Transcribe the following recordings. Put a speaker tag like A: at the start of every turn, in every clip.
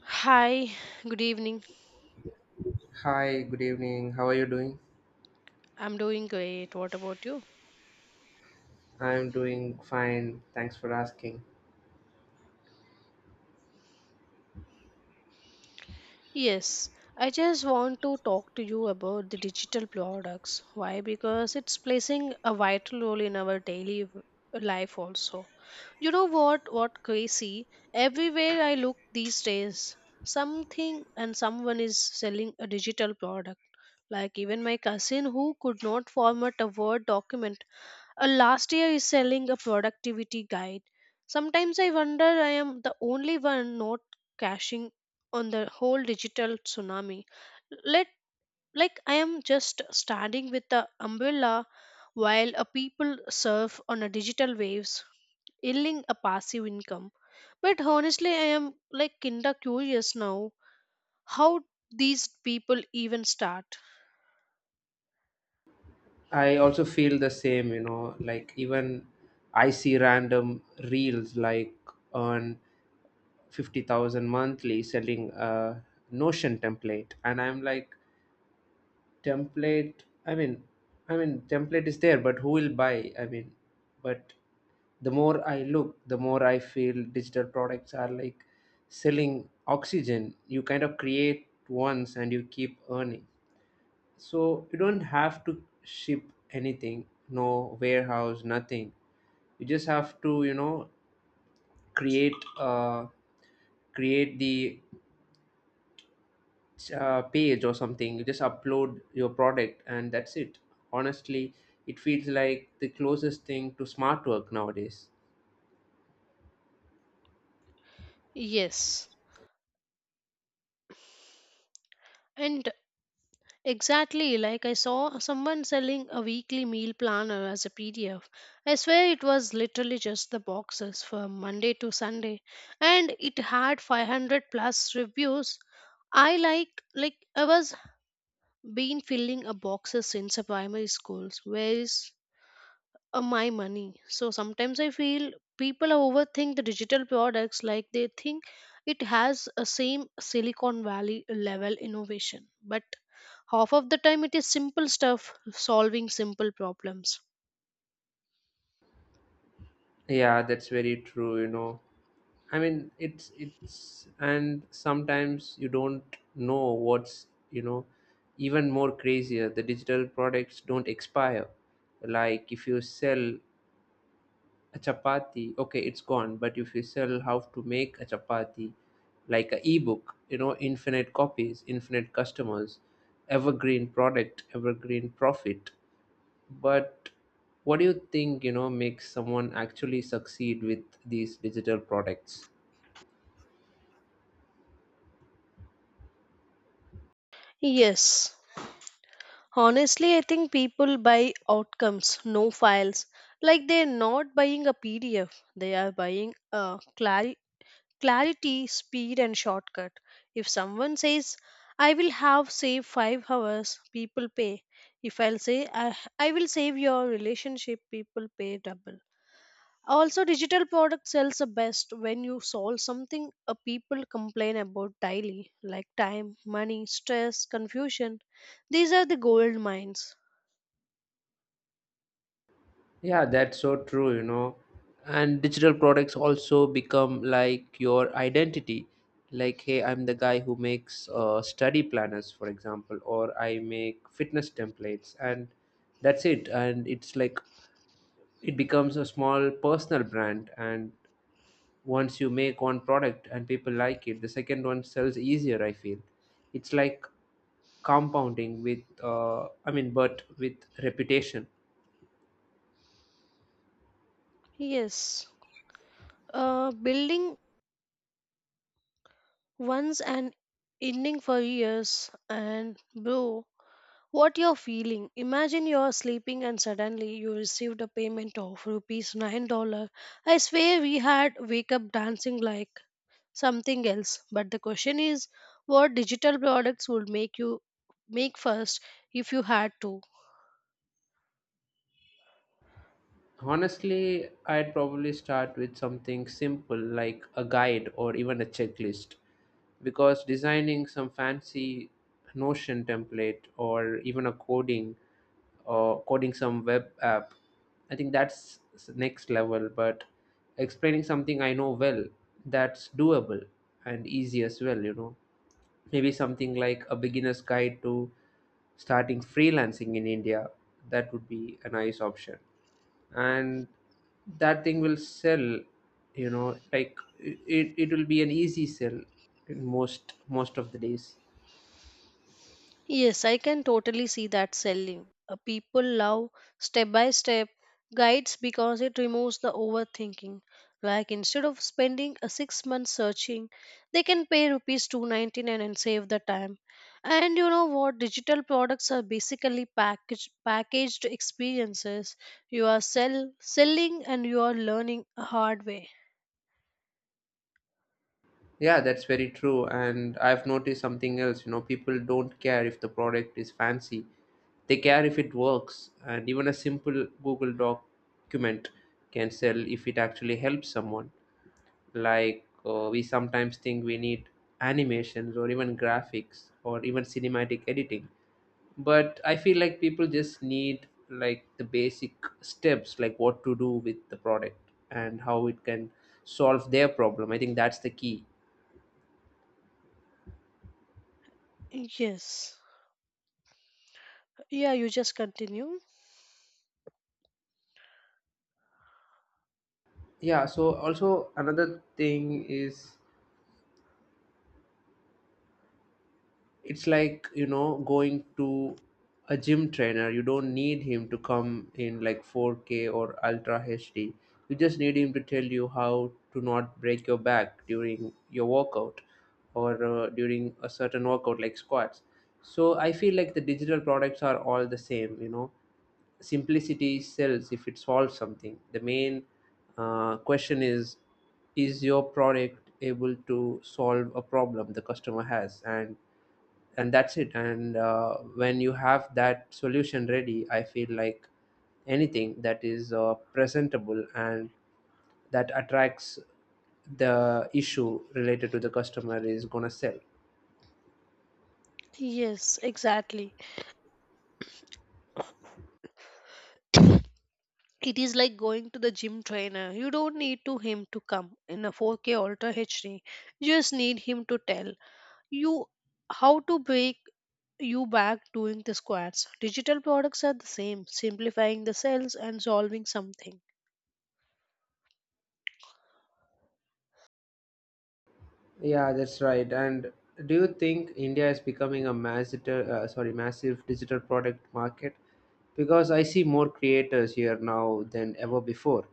A: Hi, good evening.
B: Hi, good evening. How are you doing?
A: I'm doing great. What about you?
B: I'm doing fine. Thanks for asking.
A: Yes, I just want to talk to you about the digital products. Why? Because it's placing a vital role in our daily life also. You know what? What crazy? Everywhere I look these days, something and someone is selling a digital product. Like even my cousin who could not format a Word document last year is selling a productivity guide. Sometimes I wonder I am the only one not cashing on the whole digital tsunami. Let like I am just standing with the umbrella while a people surf on a digital waves, yielding a passive income. But honestly, I am like kinda curious now how these people even start.
B: I also feel the same, you know, like even I see random reels like on 50,000 monthly selling a Notion template and I'm like template, I mean, I mean template is there but who will buy? I mean, but the more I look, the more I feel digital products are like selling oxygen. You kind of create once and you keep earning. So you don't have to ship anything, no warehouse, nothing. You just have to, you know, create uh, create the page or something. You just upload your product and that's it. Honestly, it feels like the closest thing to smart work nowadays.
A: Yes. And exactly, like I saw someone selling a weekly meal planner as a PDF. I swear it was literally just the boxes for Monday to Sunday and it had 500 plus reviews. I like I was been filling a boxes since a primary schools. Where is my money? So sometimes I feel people overthink the digital products like they think it has a same Silicon Valley level innovation, but half of the time, it is simple stuff, solving simple problems.
B: Yeah, that's very true. You know, I mean, it's and sometimes you don't know what's you know even more crazier. The digital products don't expire. Like if you sell a chapati, okay, it's gone. But if you sell how to make a chapati, like a ebook, you know, infinite copies, infinite customers, evergreen product, evergreen profit. But what do you think you know makes someone actually succeed with these digital products?
A: Yes. Honestly, I think people buy outcomes, no files. Like they're not buying a PDF, they are buying a clarity, speed, and shortcut. If someone says, I will have save 5 hours, people pay. If I'll say, I will save your relationship, people pay double. Also, digital product sells the best when you solve something a people complain about daily, like time, money, stress, confusion. These are the gold mines.
B: Yeah, that's so true, you know. And digital products also become like your identity. Like, hey, I'm the guy who makes study planners, for example, or I make fitness templates, and that's it. And it's like it becomes a small personal brand. And once you make one product and people like it, the second one sells easier, I feel. It's like compounding with, but with reputation.
A: Yes, building once and ending for years. And bro, what you're feeling? Imagine you're sleeping and suddenly you received a payment of rupees $9. I swear we had wake up dancing like something else, but the question is, what digital products would make you make first if you had to?
B: Honestly, I'd probably start with something simple like a guide or even a checklist because designing some fancy Notion template or even a coding or coding some web app, I think that's s- next level. But explaining something I know well, that's doable and easy as well, you know. Maybe something like a beginner's guide to starting freelancing in India, that would be a nice option and that thing will sell, you know, like it will be an easy sell in most of the days.
A: Yes, I can totally see that selling. People love step by step guides because it removes the overthinking. Like instead of spending a 6 months searching, they can pay rupees 299 and save the time. And you know what? Digital products are basically packaged experiences. You are selling and you are learning a hard way.
B: Yeah, that's very true, and I've noticed something else, you know, people don't care if the product is fancy, they care if it works, and even a simple Google document can sell if it actually helps someone. Like we sometimes think we need animations or even graphics or even cinematic editing, but I feel like people just need like the basic steps, like what to do with the product and how it can solve their problem. I think that's the key.
A: Yes. Yeah, you just continue.
B: Yeah, so also another thing is it's like, you know, going to a gym trainer, you don't need him to come in like 4K or ultra hd, you just need him to tell you how to not break your back during your workout or during a certain workout like squats. So I feel like the digital products are all the same, you know, simplicity sells if it solves something. The main question is your product able to solve a problem the customer has? And that's it. And when you have that solution ready, I feel like anything that is presentable and that attracts the issue related to the customer is going to sell.
A: Yes, exactly. It is like going to the gym trainer. You don't need to him to come in a 4K Ultra HD. You just need him to tell you how to break you back doing the squats. Digital products are the same, simplifying the cells and solving something.
B: Yeah, that's right. And do you think India is becoming a massive, massive digital product market? Because I see more creators here now than ever before.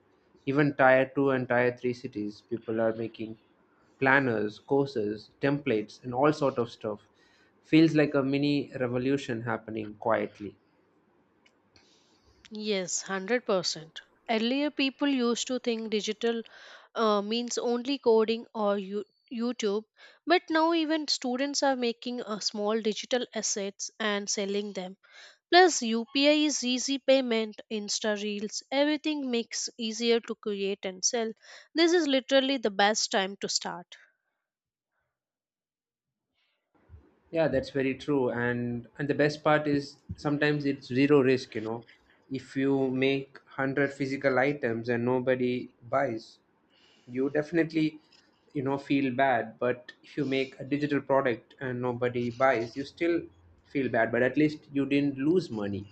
B: Even tier two and tier three cities, people are making planners, courses, templates, and all sort of stuff. Feels like a mini revolution happening quietly.
A: Yes, 100%. Earlier, people used to think digital means only coding or you, YouTube, but now even students are making small digital assets and selling them. Plus, UPI is easy payment, Insta Reels, everything makes easier to create and sell. This is literally the best time to start.
B: Yeah, that's very true. And the best part is sometimes it's zero risk, you know. If you make 100 physical items and nobody buys, you definitely you know feel bad, but if you make a digital product and nobody buys, you still feel bad, but at least you didn't lose money.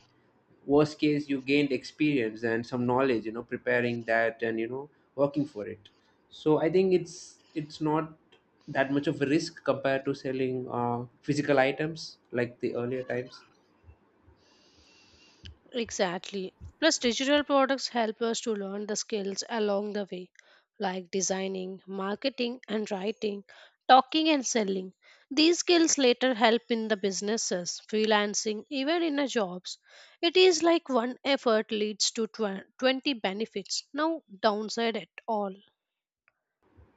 B: Worst case, you gained experience and some knowledge, you know, preparing that and you know working for it. So I think it's not that much of a risk compared to selling physical items like the earlier times.
A: Exactly. Plus, digital products help us to learn the skills along the way, like designing, marketing, and writing, talking and selling. These skills later help in the businesses, freelancing, even in the jobs. It is like one effort leads to 20 benefits, no downside at all.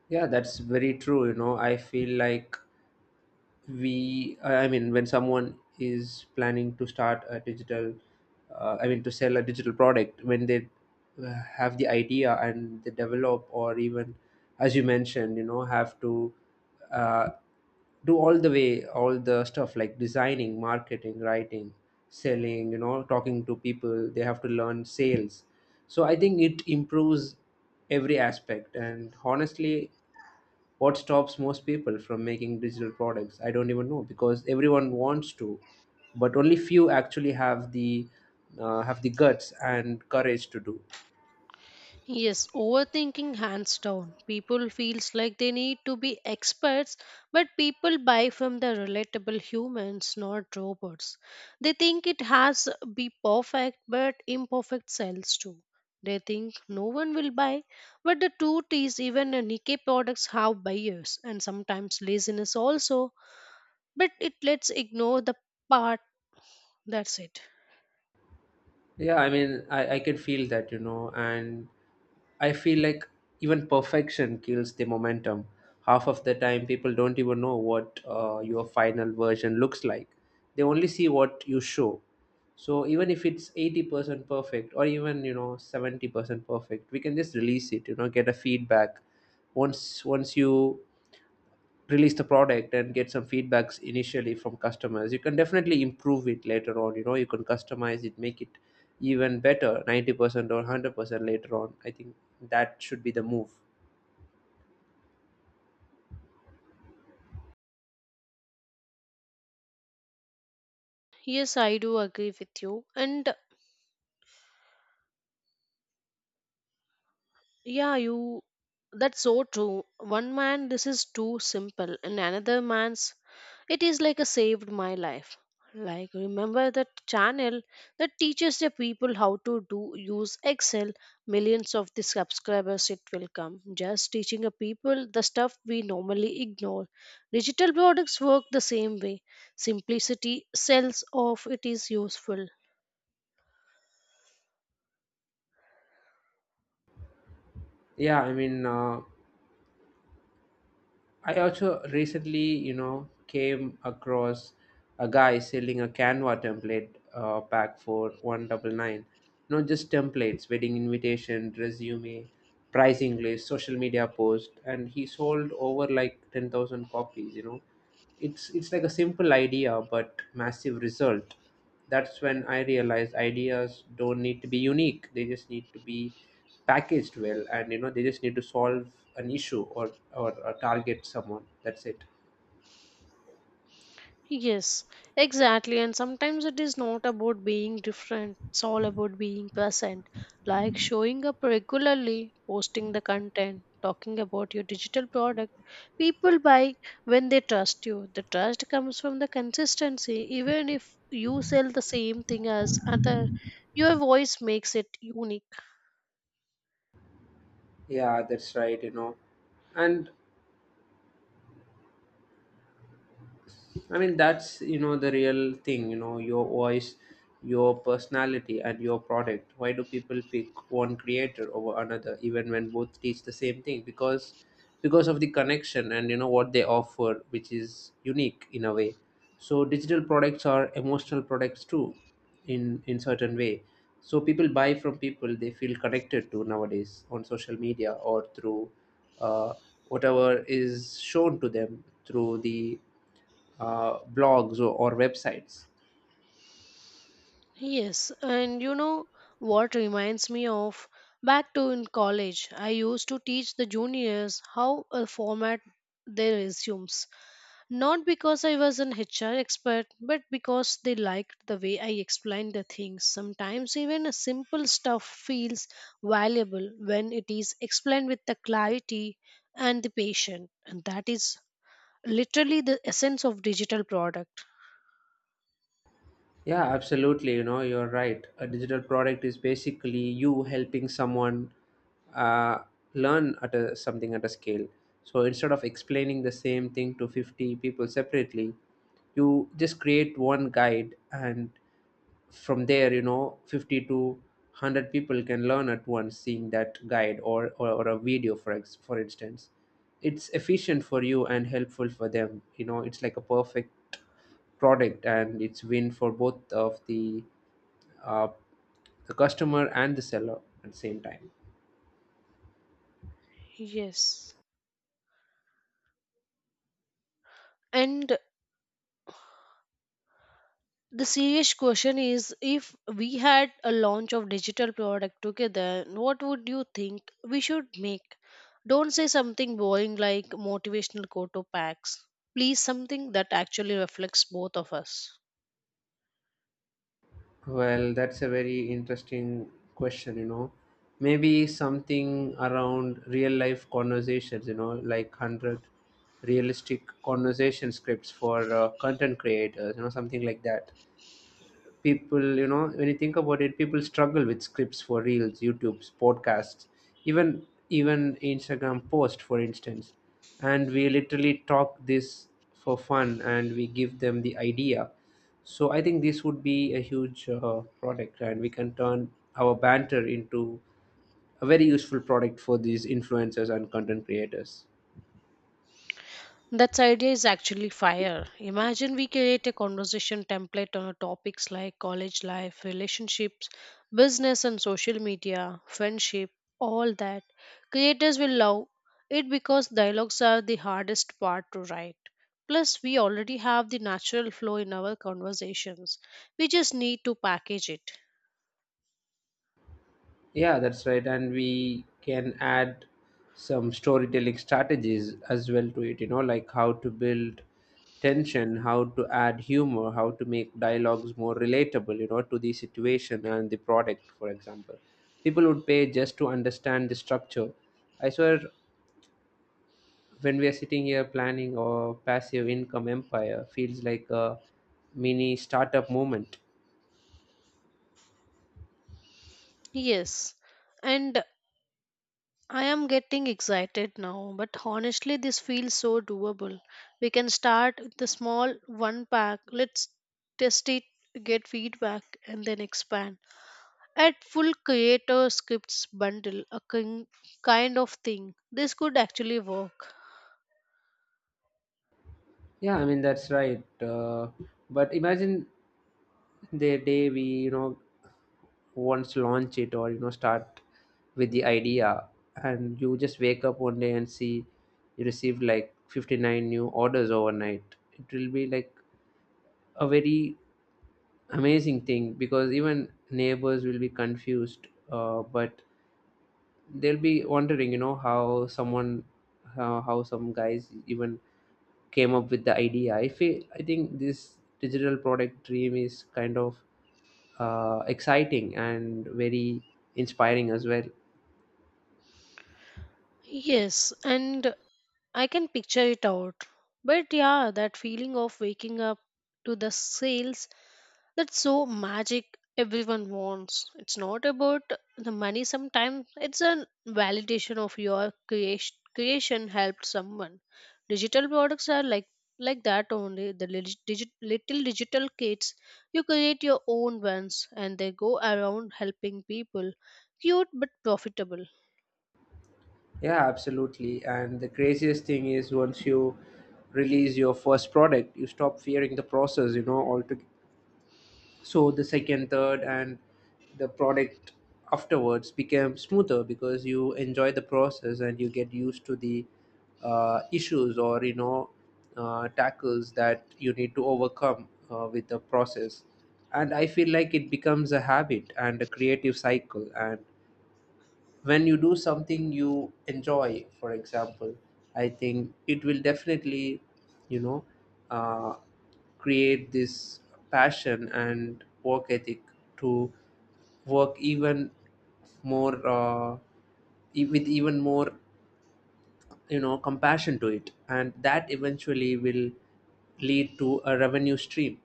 B: Yeah, that's very true, you know. I feel like we I mean, when someone is planning to start a digital I mean to sell a digital product, when they have the idea and they develop, or even as you mentioned, you know, have to uh, do all the stuff like designing, marketing, writing, selling, you know, talking to people, they have to learn sales. So I think it improves every aspect. And honestly, what stops most people from making digital products? I don't even know, because everyone wants to, but only few actually have the have the guts and courage to do.
A: Yes, overthinking hands down. People feels like they need to be experts, but people buy from the relatable humans, not robots. They think it has be perfect, but imperfect sells too. They think no one will buy, but the truth is even a Nikkei products have buyers and sometimes laziness also. But it lets ignore the part. That's it.
B: Yeah, I mean, I can feel that, you know. And I feel like even perfection kills the momentum. Half of the time people don't even know what your final version looks like, they only see what you show. So even if it's 80% perfect or even you know 70% perfect, we can just release it, you know, get a feedback. Once you release the product and get some feedbacks initially from customers, you can definitely improve it later on, you know. You can customize it, make it even better 90% or 100% later on. I think that should be the move.
A: Yes, I do agree with you. And yeah, you. That's so true. One man, this is too simple, and another man's, it is like a saved my life. Like, remember that channel that teaches the people how to do use Excel. Millions of the subscribers it will come. Just teaching a people the stuff we normally ignore. Digital products work the same way. Simplicity sells off. It is useful.
B: Yeah, I mean, I also recently, you know, came across a guy selling a Canva template pack for 199. Not just templates, wedding invitation, resume, pricing list, social media post, and he sold over like 10,000 copies. You know, it's like a simple idea but massive result. That's when I realized ideas don't need to be unique, they just need to be packaged well, and you know, they just need to solve an issue or or target someone. That's it.
A: Yes, exactly. And sometimes it is not about being different, it's all about being present, like showing up regularly, posting the content, talking about your digital product. People buy when they trust you. The trust comes from the consistency. Even if you sell the same thing as other, your voice makes it unique.
B: Yeah, that's right, you know. And I mean, that's you know the real thing. You know, your voice, your personality, and your product. Why do people pick one creator over another, even when both teach the same thing? Because of the connection and you know what they offer, which is unique in a way. So digital products are emotional products too, in certain way. So people buy from people they feel connected to nowadays on social media or through uh, whatever is shown to them through the blogs or websites.
A: Yes, and you know what reminds me of back to in college, I used to teach the juniors how a format their resumes. Not because I was an HR expert, but because they liked the way I explained the things. Sometimes even a simple stuff feels valuable when it is explained with the clarity and the patience, and that is literally the essence of digital product.
B: Yeah, absolutely. You know, you're right. A digital product is basically you helping someone uh, learn at a, something at a scale. So instead of explaining the same thing to 50 people separately, you just create one guide, and from there, you know, 50 to 100 people can learn at once seeing that guide or or a video for for instance. It's efficient for you and helpful for them, you know. It's like a perfect product and it's win for both of uh, the customer and the seller at the same time.
A: Yes. And the serious question is, if we had a launch of digital product together, what would you think we should make? Don't say something boring like motivational quote or packs. Please, something that actually reflects both of us.
B: Well, that's a very interesting question, you know. Maybe something around real life conversations, you know, like 100 realistic conversation scripts for content creators, you know, something like that. People, you know, when you think about it, people struggle with scripts for reels, youtubes, podcasts, even even Instagram post for instance. And we literally talk this for fun and we give them the idea. So I think this would be a huge product, and we can turn our banter into a very useful product for these influencers and content creators.
A: That idea is actually fire. Imagine we create a conversation template on topics like college life, relationships, business and social media, friendship, all that. Creators will love it because dialogues are the hardest part to write. Plus, we already have the natural flow in our conversations. We just need to package it.
B: Yeah, that's right. And we can add some storytelling strategies as well to it, you know, like how to build tension, how to add humor, how to make dialogues more relatable, you know, to the situation and the product, for example. People would pay just to understand the structure. I swear, when we are sitting here planning or passive income empire, feels like a mini startup moment.
A: Yes. And I am getting excited now, but honestly, this feels so doable. We can start with the small one pack. Let's test it, get feedback, and then expand. At full creator scripts bundle, a kind of thing. This could actually work.
B: Yeah, I mean, that's right. But imagine the day we you know once launch it, or you know, start with the idea, and you just wake up one day and see you received like 59 new orders overnight. It will be like a very amazing thing, because even neighbors will be confused, but they'll be wondering, you know, how someone how some guys even came up with the idea. I feel, I think this digital product dream is kind of exciting and very inspiring as well.
A: Yes, and I can picture it out. But yeah, that feeling of waking up to the sales. That's so magic everyone wants. It's not about the money sometimes, it's a validation of your creation. Creation helped someone. Digital products are like that only the little digital kits you create your own ones and they go around helping people, cute but profitable.
B: Yeah, absolutely. And the craziest thing is once you release your first product, you stop fearing the process, you know, so the second third and the product afterwards became smoother because you enjoy the process and you get used to the issues or tackles that you need to overcome with the process. And I feel like it becomes a habit and a creative cycle. And when you do something you enjoy, for example, I think it will definitely, you know uh, create this passion and work ethic to work even more, with even more, you know, compassion to it, and that eventually will lead to a revenue stream.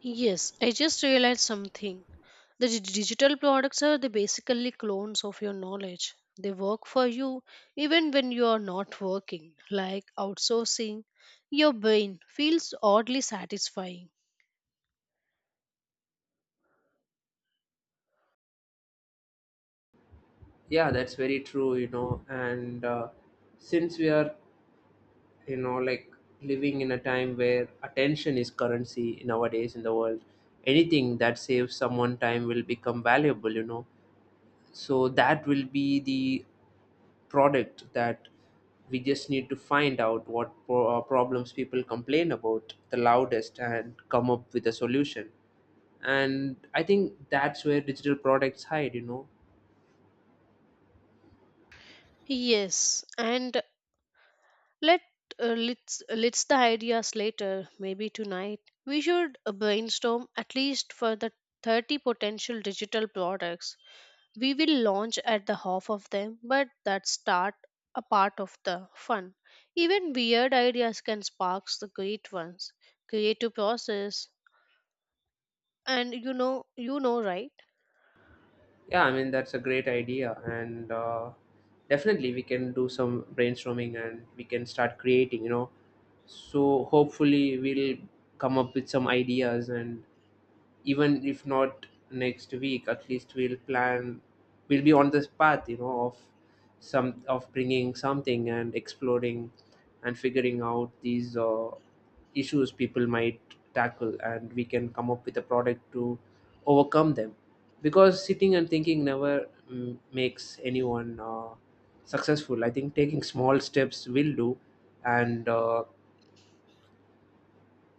A: Yes, I just realized something. The digital products are the basically clones of your knowledge. They work for you even when you are not working, like outsourcing. Your brain feels oddly satisfying.
B: Yeah, that's very true, you know. And since we are, you know, like living in a time where attention is currency nowadays in the world, anything that saves someone time will become valuable, you know. So that will be the product that we just need to find out what problems people complain about the loudest and come up with a solution. And I think that's where digital products hide, you know.
A: Yes, and let let's the ideas later. Maybe tonight we should brainstorm at least for the 30 potential digital products. We will launch at the half of them, but that's start a part of the fun. Even weird ideas can spark the great ones. Creative process. And you know, right?
B: Yeah, I mean that's a great idea, and definitely we can do some brainstorming and we can start creating. You know, so hopefully we'll come up with some ideas, and even if not next week, at least we'll plan, we'll be on this path, you know, of some of bringing something and exploring and figuring out these issues people might tackle, and we can come up with a product to overcome them. Because sitting and thinking never makes anyone successful, I think. Taking small steps will do. And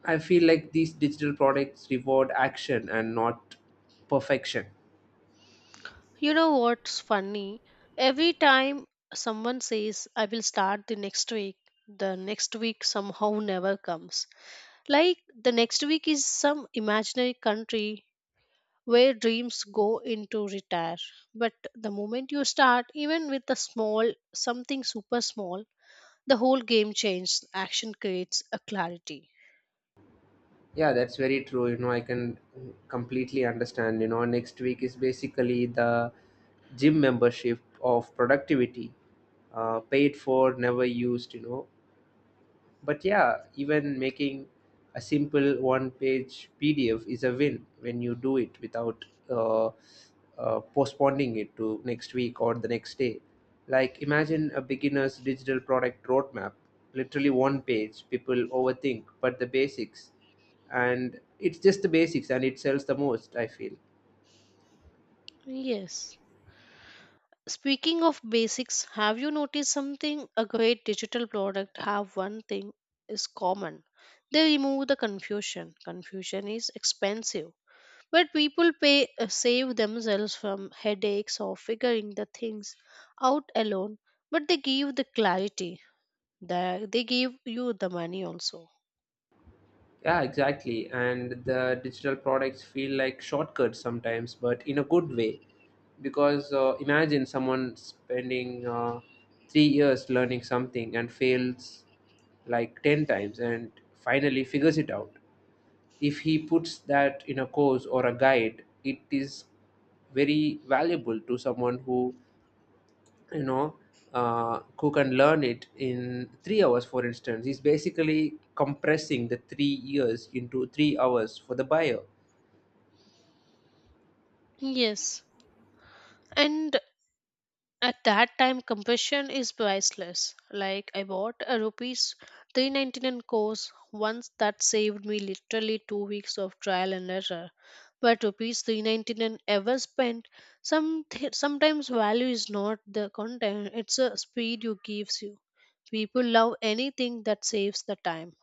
B: I feel like these digital products reward action and not perfection.
A: You know what's funny? Every time someone says I will start the next week somehow never comes. Like the next week is some imaginary country where dreams go into retire. But the moment you start, even with a small, something super small, the whole game changes. Action creates a clarity.
B: Yeah, that's very true. You know, I can completely understand. You know, next week is basically the gym membership of productivity, paid for, never used. You know, but yeah, even making a simple one page PDF is a win when you do it without postponing it to next week or the next day. Like, imagine a beginner's digital product roadmap, literally one page. People overthink, but the basics, and it's just the basics, and it sells the most, I feel.
A: Yes. Speaking of basics, have you noticed something? A great digital product have one thing is common. They remove the confusion. Confusion is expensive, but people pay save themselves from headaches or figuring the things out alone. But they give the clarity that they give you the money also.
B: Yeah, exactly. And the digital products feel like shortcuts sometimes, but in a good way. Because imagine someone spending 3 years learning something and fails like 10 times and finally figures it out. If he puts that in a course or a guide, it is very valuable to someone who, you know, who can learn it in 3 hours, for instance, is basically compressing the 3 years into 3 hours for the buyer.
A: Yes. And at that time, compassion is priceless. Like, I bought a rupees 399 course once that saved me literally 2 weeks of trial and error, but rupees 399 ever spent. Sometimes value is not the content, it's the speed you gives you. People love anything that saves the time.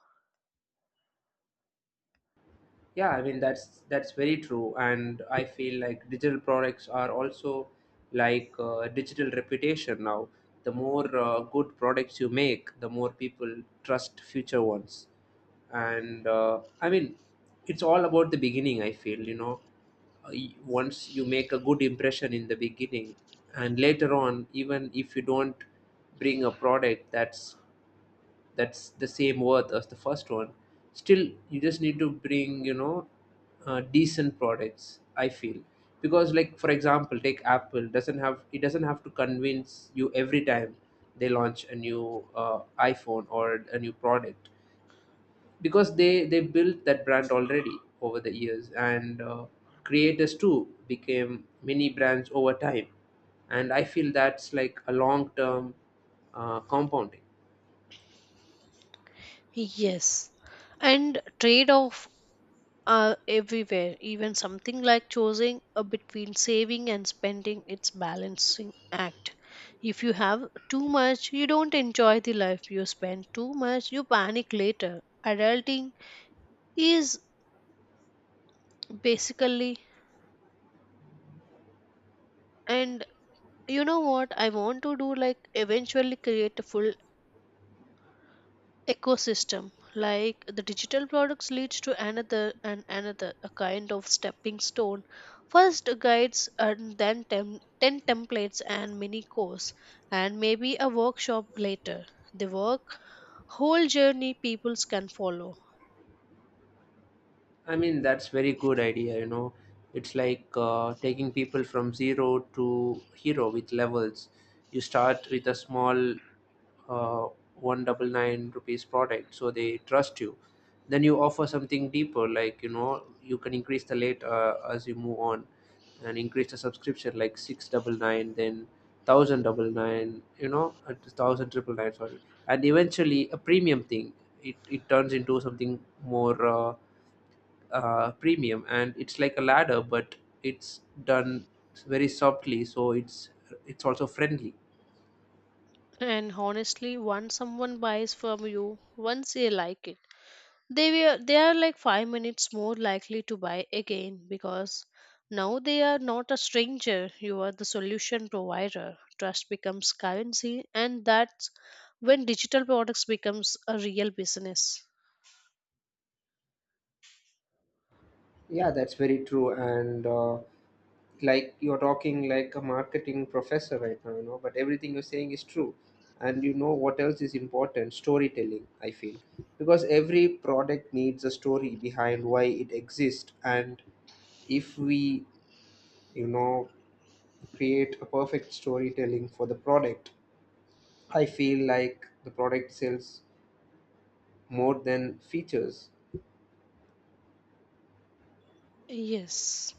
B: Yeah, I mean that's very true, and I feel like digital products are also like digital reputation now. The more good products you make, the more people trust future ones. And I mean, it's all about the beginning, I feel, you know. Once you make a good impression in the beginning, and later on, even if you don't bring a product that's the same worth as the first one, still you just need to bring, you know, decent products, I feel. Because, like for example, take Apple. Doesn't have it doesn't have to convince you every time they launch a new iPhone or a new product, because they built that brand already over the years. And creators too became mini brands over time, and I feel that's like a long term compounding.
A: Yes, and trade off everywhere. Even something like choosing between saving and spending, it's balancing act. If you have too much, you don't enjoy the life. You spend too much, you panic later. Adulting is basically, and you know what I want to do? Like eventually create a full ecosystem, like the digital products leads to another and another, a kind of stepping stone. First guides, and then 10 templates and mini course, and maybe a workshop later. The work whole journey peoples can follow.
B: I mean, that's very good idea, you know. It's like taking people from zero to hero with levels. You start with a small uh, one double nine rupees product, so they trust you. Then you offer something deeper, like, you know, you can increase the rate as you move on, and increase the subscription like six double nine, then thousand double nine, you know, thousand triple nine, sorry, and eventually a premium thing. It turns into something more. Premium. And it's like a ladder, but it's done very softly, so it's also friendly.
A: And honestly, once someone buys from you, once they like it, they are like 5 minutes more likely to buy again, because now they are not a stranger. You are the solution provider. Trust becomes currency, and that's when digital products becomes a real business.
B: Yeah, that's very true. And like you're talking like a marketing professor right now, you know, but everything you're saying is true. And you know what else is important? Storytelling, I feel. Because every product needs a story behind why it exists. And if we, you know, create a perfect storytelling for the product, I feel like the product sells more than features.
A: Yes.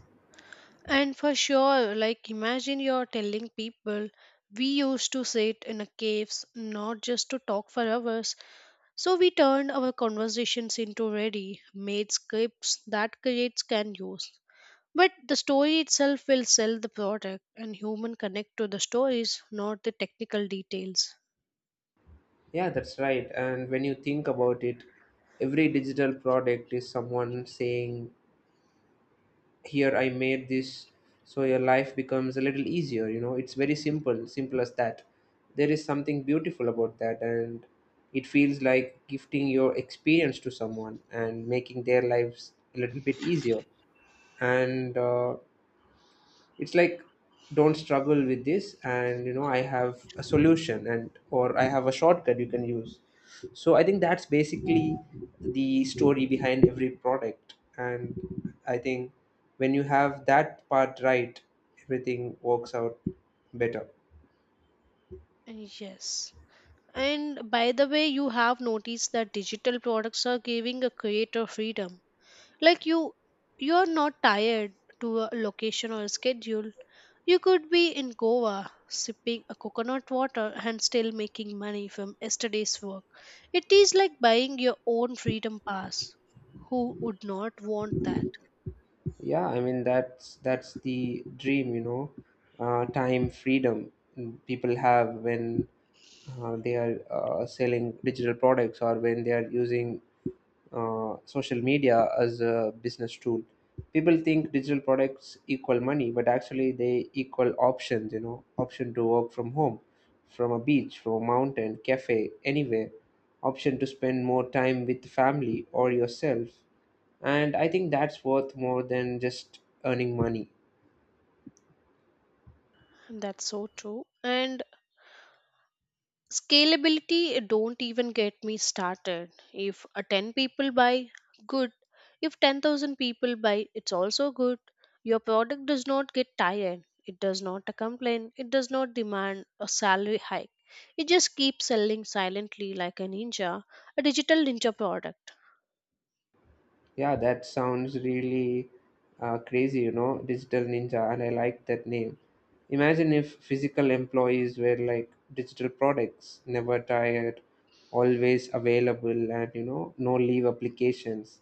A: And for sure, like imagine you're telling people we used to sit in a caves not just to talk for hours. So we turned our conversations into ready made scripts that creates can use. But the story itself will sell the product, and human connect to the stories, not the technical details.
B: Yeah, that's right. And when you think about it, every digital product is someone saying, "Here, I made this. So your life becomes a little easier." You know, it's very simple, simple as that. There is something beautiful about that. And it feels like gifting your experience to someone and making their lives a little bit easier. And it's like, don't struggle with this, and you know, I have a solution, and or I have a shortcut you can use. So I think that's basically the story behind every product, and I think when you have that part right, everything works out better.
A: Yes. And by the way, you have noticed that digital products are giving a creator freedom. Like you are not tired to a location or a schedule. You could be in Goa sipping a coconut water and still making money from yesterday's work. It is like buying your own freedom pass. Who would not want that?
B: Yeah, I mean that's the dream, you know. Time freedom people have when they are selling digital products, or when they are using social media as a business tool. People think digital products equal money, but actually they equal options. You know, option to work from home, from a beach, from a mountain, cafe, anywhere. Option to spend more time with family or yourself. And I think that's worth more than just earning money.
A: That's so true. And scalability, don't even get me started. If a 10 people buy, good. If 10,000 people buy, it's also good. Your product does not get tired. It does not complain. It does not demand a salary hike. It just keeps selling silently like a ninja, a digital ninja product.
B: Yeah, that sounds really crazy, you know. Digital Ninja, and I like that name. Imagine if physical employees were like digital products, never tired, always available, and you know, no leave applications.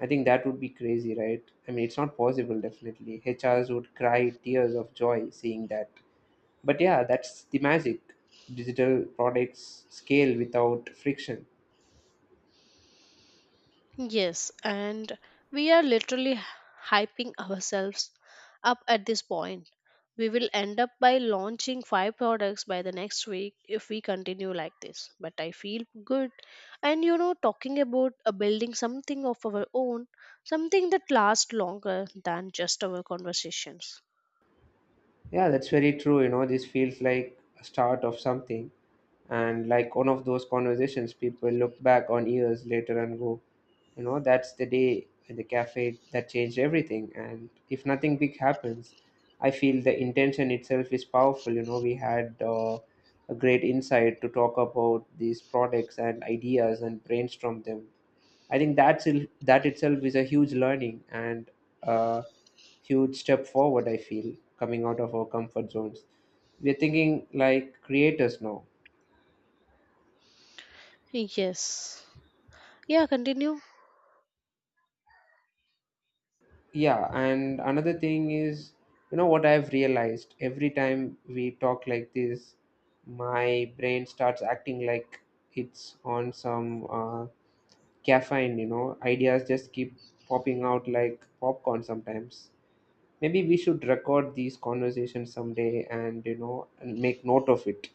B: I think that would be crazy, right? I mean, it's not possible, definitely. HRs would cry tears of joy seeing that. But yeah, that's the magic. Digital products scale without friction.
A: Yes, and we are literally hyping ourselves up at this point. We will end up by launching five products by the next week if we continue like this. But I feel good. And you know, talking about building something of our own, something that lasts longer than just our conversations.
B: Yeah, that's very true. You know, this feels like a start of something, and like one of those conversations people look back on years later and go, you know, that's the day in the cafe that changed everything. And if nothing big happens, I feel the intention itself is powerful. You know, we had a great insight to talk about these products and ideas and brainstorm them. I think that itself is a huge learning and a huge step forward, I feel, coming out of our comfort zones. We're thinking like creators now.
A: Yes. Yeah, continue.
B: Yeah, and another thing is, you know what I've realized, every time we talk like this, my brain starts acting like it's on some caffeine. You know, ideas just keep popping out like popcorn sometimes. Maybe we should record these conversations someday, and you know, and make note of it.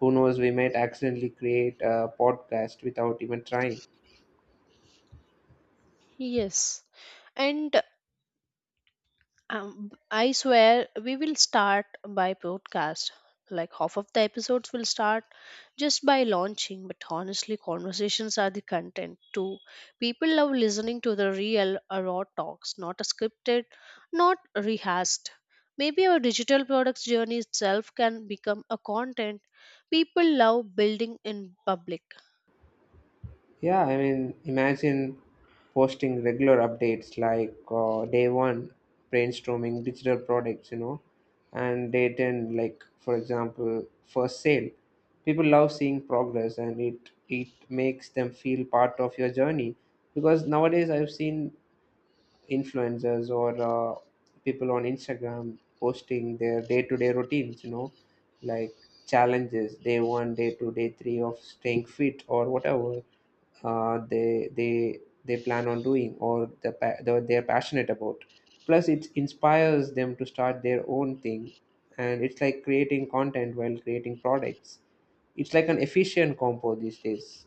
B: Who knows? We might accidentally create a podcast without even trying.
A: Yes. And I swear we will start by podcast. Like half of the episodes will start just by launching, but honestly, conversations are the content too. People love listening to the real, raw talks, not scripted, not rehearsed. Maybe our digital products journey itself can become a content people love building in public.
B: Yeah, I mean, imagine posting regular updates like day one, brainstorming digital products, you know, and day 10, like for example, first sale. People love seeing progress, and it makes them feel part of your journey. Because nowadays I've seen influencers or people on Instagram posting their day to day routines, you know, like challenges day one, day two, day three of staying fit or whatever uh, they they they plan on doing, or they're passionate about. Plus, it inspires them to start their own thing, and it's like creating content while creating products. It's like an efficient compo these days.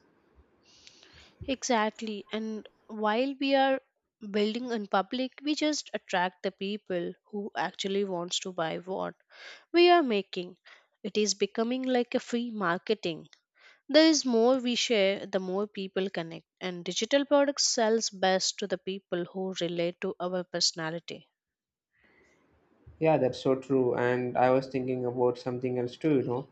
A: Exactly. And while we are building in public, we just attract the people who actually wants to buy what we are making. It is becoming like a free marketing. There is more we share, the more people connect. And digital products sells best to the people who relate to our personality.
B: Yeah, that's so true. And I was thinking about something else too, you know.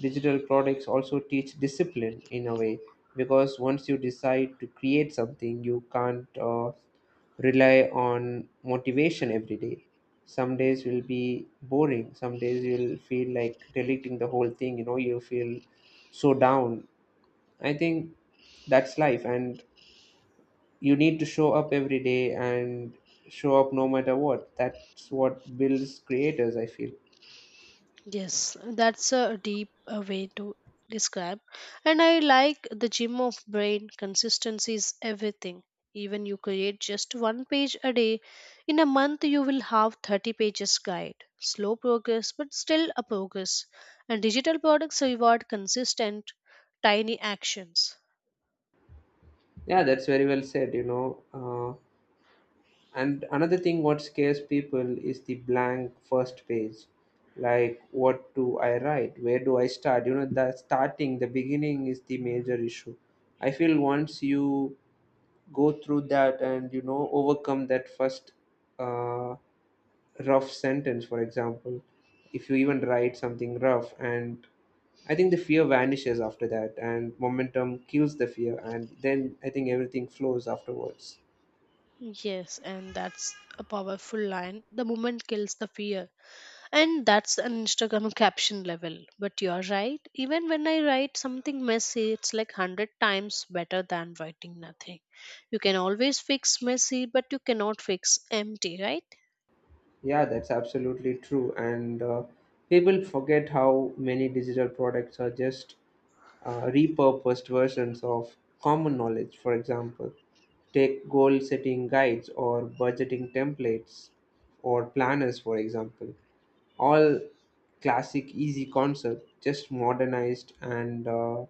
B: Digital products also teach discipline in a way, because once you decide to create something, you can't rely on motivation every day. Some days will be boring, some days you'll feel like deleting the whole thing, you know, you feel so down. I think that's life, and you need to show up every day and show up no matter what. That's what builds creators, I feel.
A: Yes, that's a deep way to describe. And I like the gym of brain. Consistency is everything. Even you create just one page a day, in a month you will have 30 pages guide. Slow progress, but still a progress. And digital products reward consistent, tiny actions.
B: Yeah, that's very well said, you know. And another thing what scares people is the blank first page. Like, what do I write? Where do I start? You know, the starting, the beginning is the major issue. I feel once you go through that and, you know, overcome that first uh, rough sentence, for example, if you even write something rough, and I think the fear vanishes after that, and momentum kills the fear, and then I think everything flows afterwards.
A: Yes, and that's a powerful line. The moment kills the fear. And that's an Instagram caption level. But you're right. Even when I write something messy, it's like 100 times better than writing nothing. You can always fix messy, but you cannot fix empty, right?
B: Yeah, that's absolutely true. And people forget how many digital products are just repurposed versions of common knowledge. For example, take goal setting guides or budgeting templates or planners, for example. All classic, easy concept, just modernized and,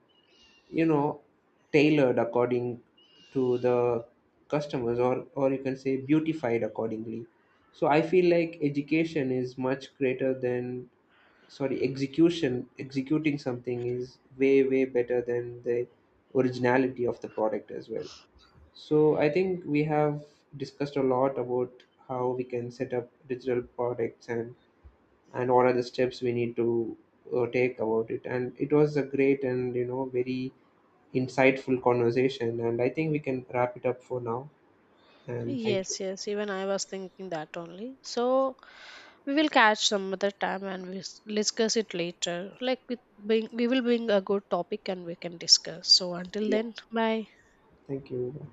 B: you know, tailored according to the customers, or you can say beautified accordingly. So I feel like education is much greater than, sorry, execution. Executing something is way way better than the originality of the product as well. So I think we have discussed a lot about how we can set up digital products, and what are the steps we need to take about it. And it was a great, and you know, very insightful conversation. And I think we can wrap it up for now. And thank you.
A: Yes, yes. Even I was thinking that only. So we will catch some other time and we discuss it later. Like with bring, we will bring a good topic and we can discuss. So until
B: Yeah,
A: then, bye.
B: thank you.